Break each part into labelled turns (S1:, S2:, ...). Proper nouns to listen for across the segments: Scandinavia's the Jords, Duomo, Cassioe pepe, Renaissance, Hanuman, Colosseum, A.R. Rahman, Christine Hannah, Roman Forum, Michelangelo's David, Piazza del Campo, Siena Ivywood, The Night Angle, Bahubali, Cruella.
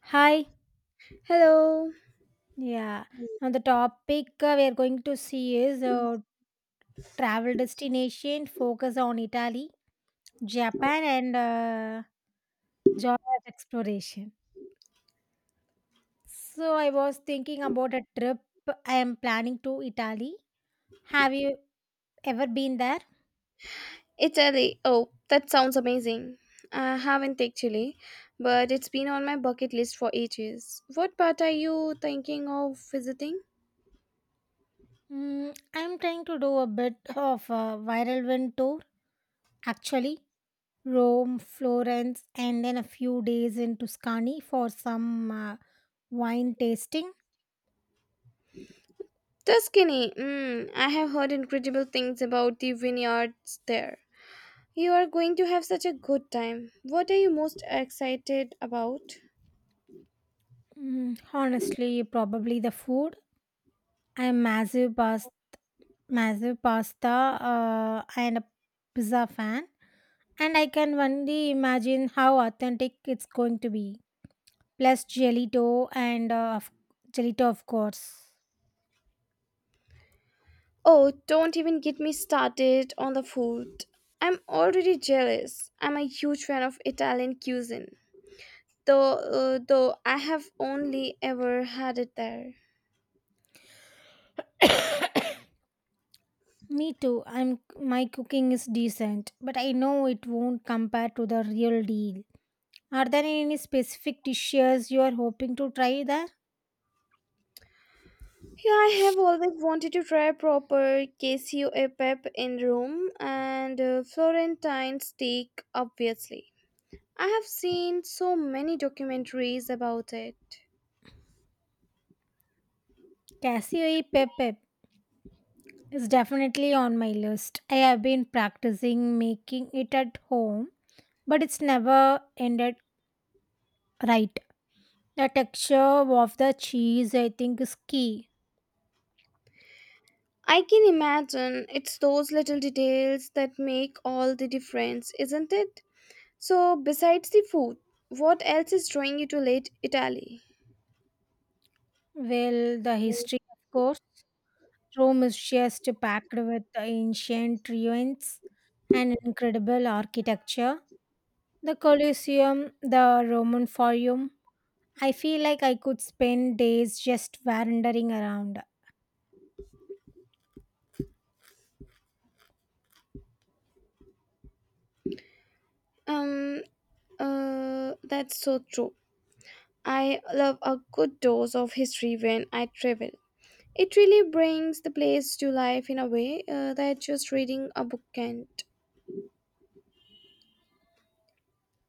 S1: Hi.
S2: Hello.
S1: Yeah. Now the topic we are going to see is travel destination focus on Italy,
S2: Oh,
S1: Japan, and joy of exploration. So I was thinking about a trip I am planning to Italy. Have you ever been there?
S2: Italy. Oh, that sounds amazing. I haven't actually, but it's been on my bucket list for ages. What part are you thinking of visiting?
S1: I'm trying to do a bit of a viral wind tour actually. Rome, Florence, and then a few days in Tuscany for some wine tasting.
S2: Tuscany. I have heard incredible things about the vineyards there. You are going to have such a good time. What are you most excited about?
S1: Honestly, probably the food. I'm massive past massive pasta and a pizza fan, and I can only imagine how authentic it's going to be. Plus gelato and gelato, of course.
S2: Oh, don't even get me started on the food. I'm already jealous. I'm a huge fan of Italian cuisine, though though I have only ever had it there.
S1: Me too. I'm My cooking is decent, but I know it won't compare to the real deal. Are there any specific dishes you are hoping to try there?
S2: Yeah, I have always wanted to try proper queso e pep in Rome and Florentine steak obviously. I have seen so many documentaries about it.
S1: Cassioe pepe. It's definitely on my list. I have been practicing making it at home, but it's never ended right. The texture of the cheese, I think, is key.
S2: I can imagine it's those little details that make all the difference, isn't it? So, besides the food, what else is drawing you to late Italy?
S1: Well, the history, of course. Rome is just packed with the ancient ruins and incredible architecture. The Colosseum, the Roman Forum. I feel like I could spend days just wandering around.
S2: Um, that's so true. I love a good dose of history when I travel. It really brings the place to life in a way that just reading a book can't.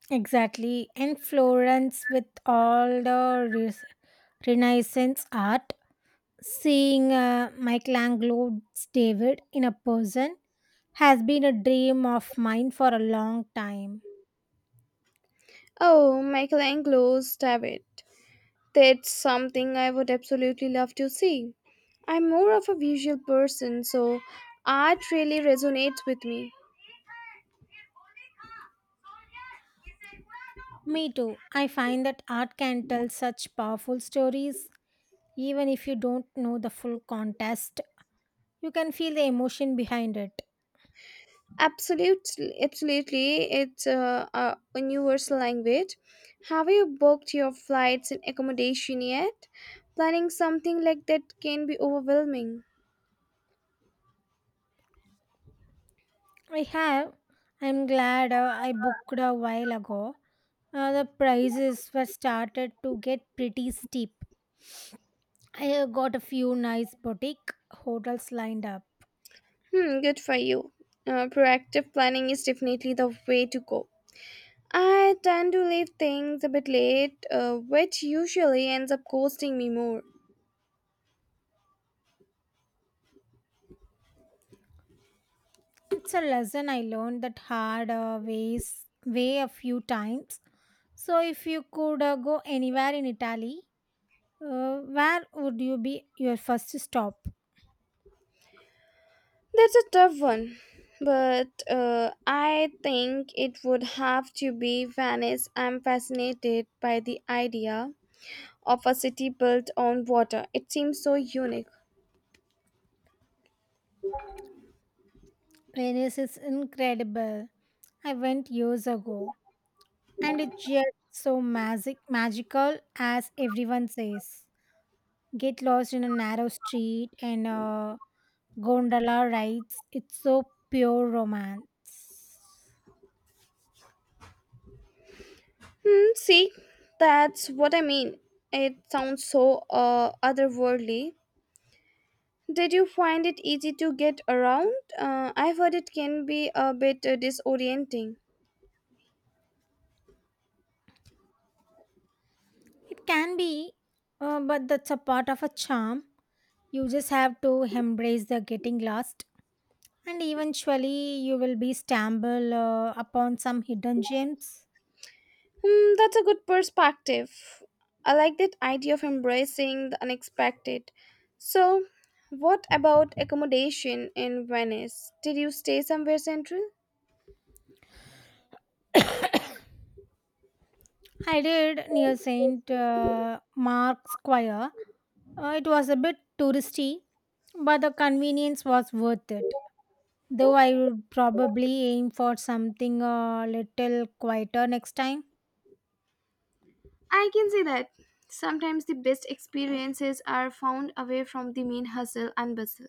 S1: Exactly. And Florence with all the Renaissance art, seeing Michelangelo's David in a person has been a dream of mine for a long time.
S2: Oh, Michelangelo's David. That's something I would absolutely love to see. I'm more of a visual person, so art really resonates with me.
S1: Me too. I find that art can tell such powerful stories. Even if you don't know the full context, you can feel the emotion behind it.
S2: Absolutely, absolutely. It's a universal language. Have you booked your flights and accommodation yet? Planning something like that can be overwhelming.
S1: I have. I'm glad I booked a while ago. The prices were started to get pretty steep. I got a few nice boutique hotels lined up.
S2: Hmm, good for you. Proactive planning is definitely the way to go. I tend to leave things a bit late, which usually ends up costing me more.
S1: It's a lesson I learned that hard way a few times. So if you could go anywhere in Italy, where would you be your first stop?
S2: That's a tough one, but I think it would have to be Venice. I'm fascinated by the idea of a city built on water. It seems so unique.
S1: Venice is incredible. I went years ago, and it's just so magical as everyone says. Get lost in a narrow street and gondola rides. It's so pure romance.
S2: Hmm, see, that's what I mean. It sounds so otherworldly. Did you find it easy to get around? I've heard it can be a bit disorienting.
S1: It can be, but that's a part of a charm. You just have to embrace the getting lost, and eventually you will be stumble upon some hidden gems.
S2: Hmm, that's a good perspective. I like that idea of embracing the unexpected. So, what about accommodation in Venice? Did you stay somewhere central?
S1: I did near Saint Mark's Square. It was a bit touristy, but the convenience was worth it. Though I would probably aim for something a little quieter next time.
S2: I can see that. Sometimes the best experiences are found away from the main hustle and bustle.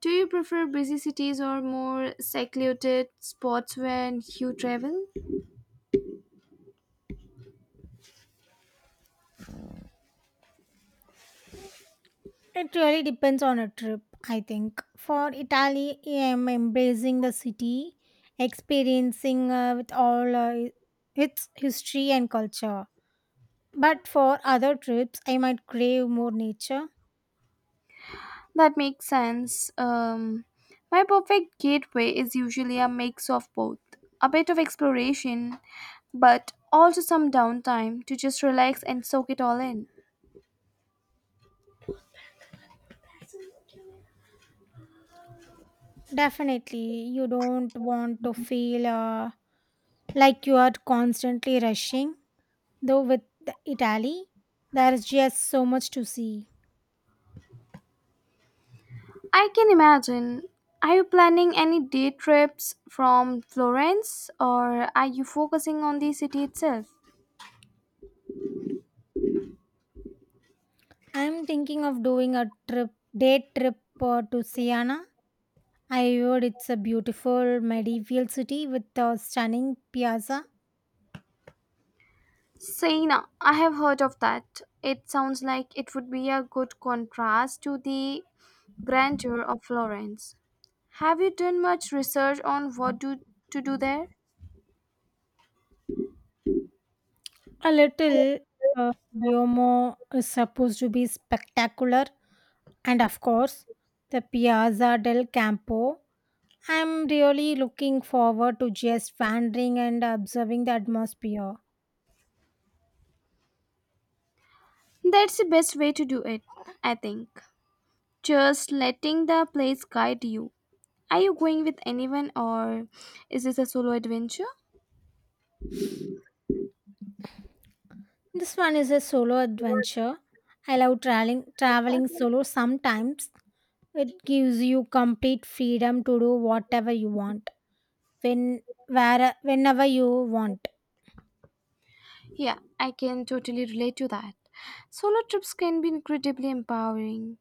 S2: Do you prefer busy cities or more secluded spots when you travel?
S1: It really depends on a trip, I think. For Italy, I am embracing the city, experiencing with all its history and culture. But for other trips, I might crave more nature.
S2: That makes sense. My perfect gateway is usually a mix of both, a bit of exploration, but also some downtime to just relax and soak it all in.
S1: Definitely, you don't want to feel like you are constantly rushing. Though with the Italy, there is just so much to see.
S2: I can imagine. Are you planning any day trips from Florence or are you focusing on the city itself?
S1: I'm thinking of day trip to Siena Ivywood. It's a beautiful medieval city with a stunning piazza.
S2: Siena, I have heard of that. It sounds like it would be a good contrast to the grandeur of Florence. Have you done much research on to do there?
S1: A little Duomo is supposed to be spectacular, and of course, the Piazza del Campo. I'm really looking forward to just wandering and observing the atmosphere.
S2: That's the best way to do it, I think. Just letting the place guide you. Are you going with anyone or is this a solo adventure?
S1: This one is a solo adventure. I love traveling solo sometimes. It gives you complete freedom to do whatever you want, when whenever you want.
S2: Yeah, I can totally relate to that. Solo trips can be incredibly empowering.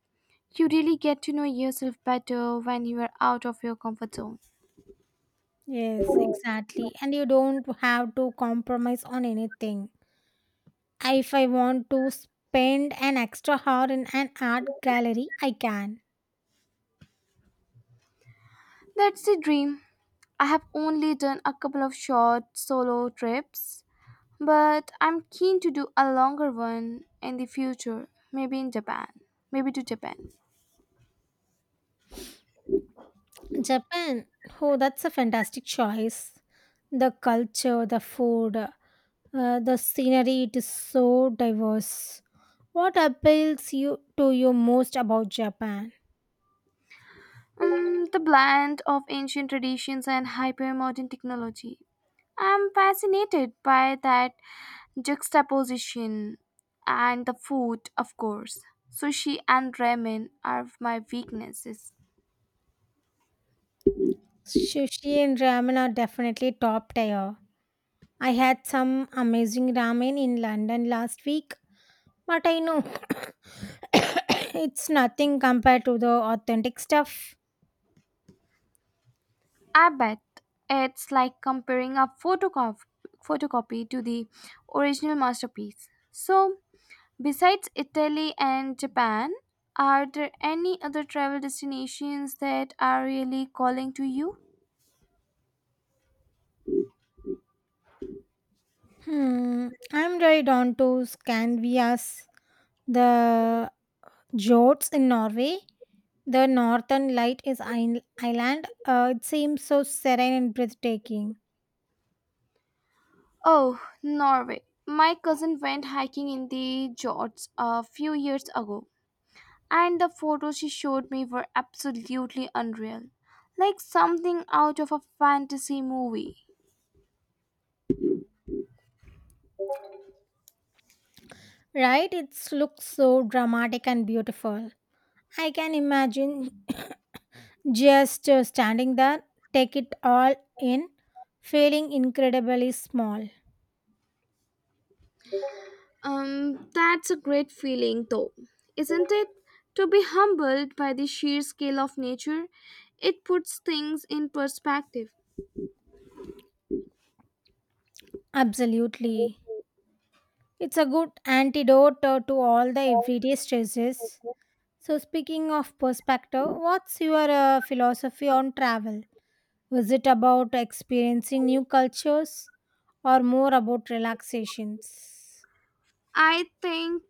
S2: You really get to know yourself better when you are out of your comfort zone.
S1: Yes, exactly, and you don't have to compromise on anything. If I want to spend an extra hour in an art gallery, I can.
S2: That's the dream. I have only done a couple of short solo trips, but I'm keen to do a longer one in the future, maybe in Japan, maybe to Japan.
S1: Japan. Oh, that's a fantastic choice. The culture, the food, the scenery, it is so diverse. What appeals you to you most about Japan?
S2: The blend of ancient traditions and hyper modern technology, I'm fascinated by that juxtaposition, and the food, of course. Sushi and ramen are my weaknesses.
S1: Sushi and ramen are definitely top tier. I had some amazing ramen in London last week, but I know it's nothing compared to the authentic stuff.
S2: I bet it's like comparing a photocopy to the original masterpiece. So, besides Italy and Japan, are there any other travel destinations that are really calling to you?
S1: I'm right on to Scandinavia's, the Jords in Norway. The northern light is island. It seems so serene and breathtaking,
S2: Oh, Norway. My cousin went hiking in the Jords a few years ago and the photos she showed me were absolutely unreal, like something out of a fantasy movie.
S1: right? It looks so dramatic and beautiful. I can imagine just standing there, take it all in, feeling incredibly small.
S2: That's a great feeling, though, isn't it? To be humbled by the sheer scale of nature, it puts things in perspective.
S1: Absolutely. It's a good antidote to all the everyday stresses. So, speaking of perspective, what's your philosophy on travel? Is it about experiencing new cultures or more about relaxations?
S2: I think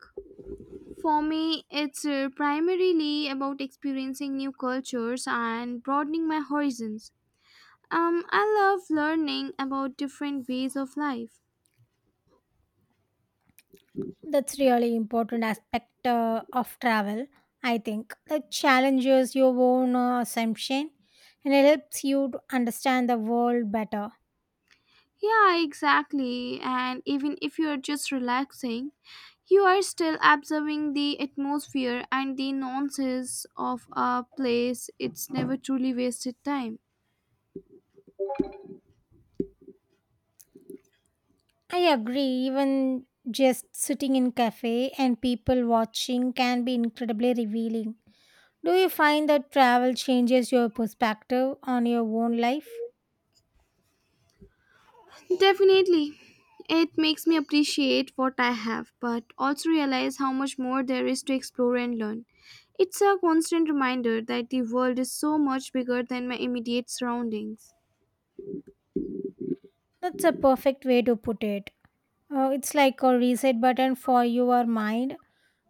S2: for me, it's primarily about experiencing new cultures and broadening my horizons. I love learning about different ways of life.
S1: That's really important aspect of travel, I think, that challenges your own assumption and it helps you to understand the world better.
S2: Yeah, exactly. And even if you're just relaxing, you are still observing the atmosphere and the nonsense of a place. It's never truly wasted time.
S1: I agree, even just sitting in cafe and people watching can be incredibly revealing. Do you find that travel changes your perspective on your own life?
S2: Definitely. It makes me appreciate what I have, but also realize how much more there is to explore and learn. It's a constant reminder that the world is so much bigger than my immediate surroundings.
S1: That's a perfect way to put it. It's like a reset button for your mind.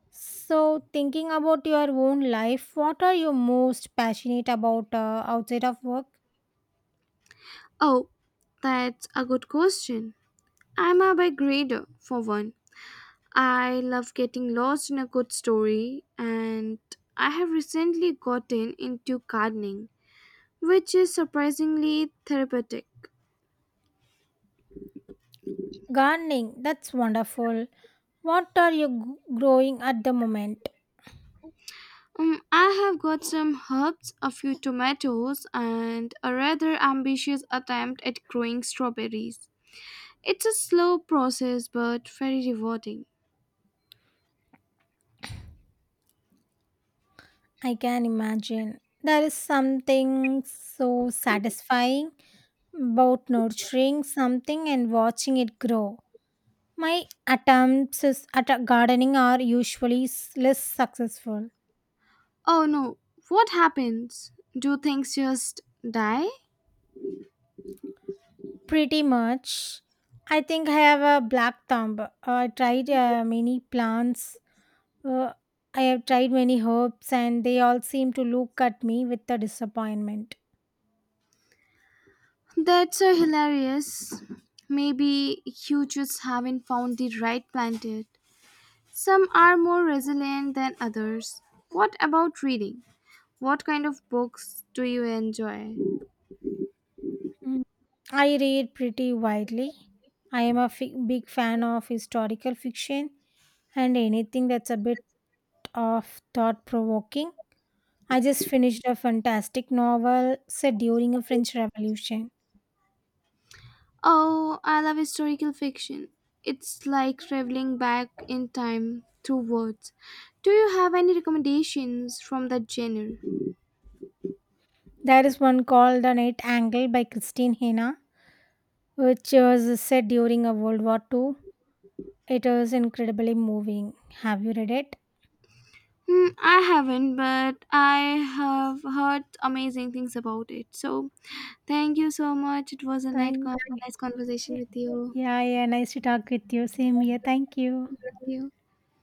S1: So, thinking about your own life, what are you most passionate about outside of work?
S2: Oh, that's a good question. I'm a big reader, for one. I love getting lost in a good story, and I have recently gotten into gardening, which is surprisingly therapeutic.
S1: Gardening, that's wonderful. What are you growing at the moment?
S2: I have got some herbs, a few tomatoes, and a rather ambitious attempt at growing strawberries. It's a slow process but very rewarding.
S1: I can imagine. There is something so satisfying about nurturing something and watching it grow. My at a gardening are usually less successful.
S2: Oh no, what happens? Do things just die?
S1: Pretty much. I think I have a black thumb. I tried many plants. Uh, I have tried many herbs, and they all seem to look at me with a disappointment.
S2: That's a hilarious. Maybe you just haven't found the right plant yet. Some are more resilient than others. What about reading? What kind of books do you enjoy?
S1: Mm. I read pretty widely. I am a big fan of historical fiction and anything that's a bit of thought provoking. I just finished a fantastic novel set during a French Revolution.
S2: Oh, I love historical fiction. It's like traveling back in time through words. Do you have any recommendations from that genre?
S1: There is one called The Night Angle by Christine Hannah, which was set during a World War II. It was incredibly moving. Have you read it?
S2: Hmm, I haven't, but I have heard amazing things about it. So, thank you so much. It was a
S1: Thank you.
S2: nice conversation with you.
S1: Yeah, yeah, nice to talk with you. Same here. Thank you.
S2: Thank you.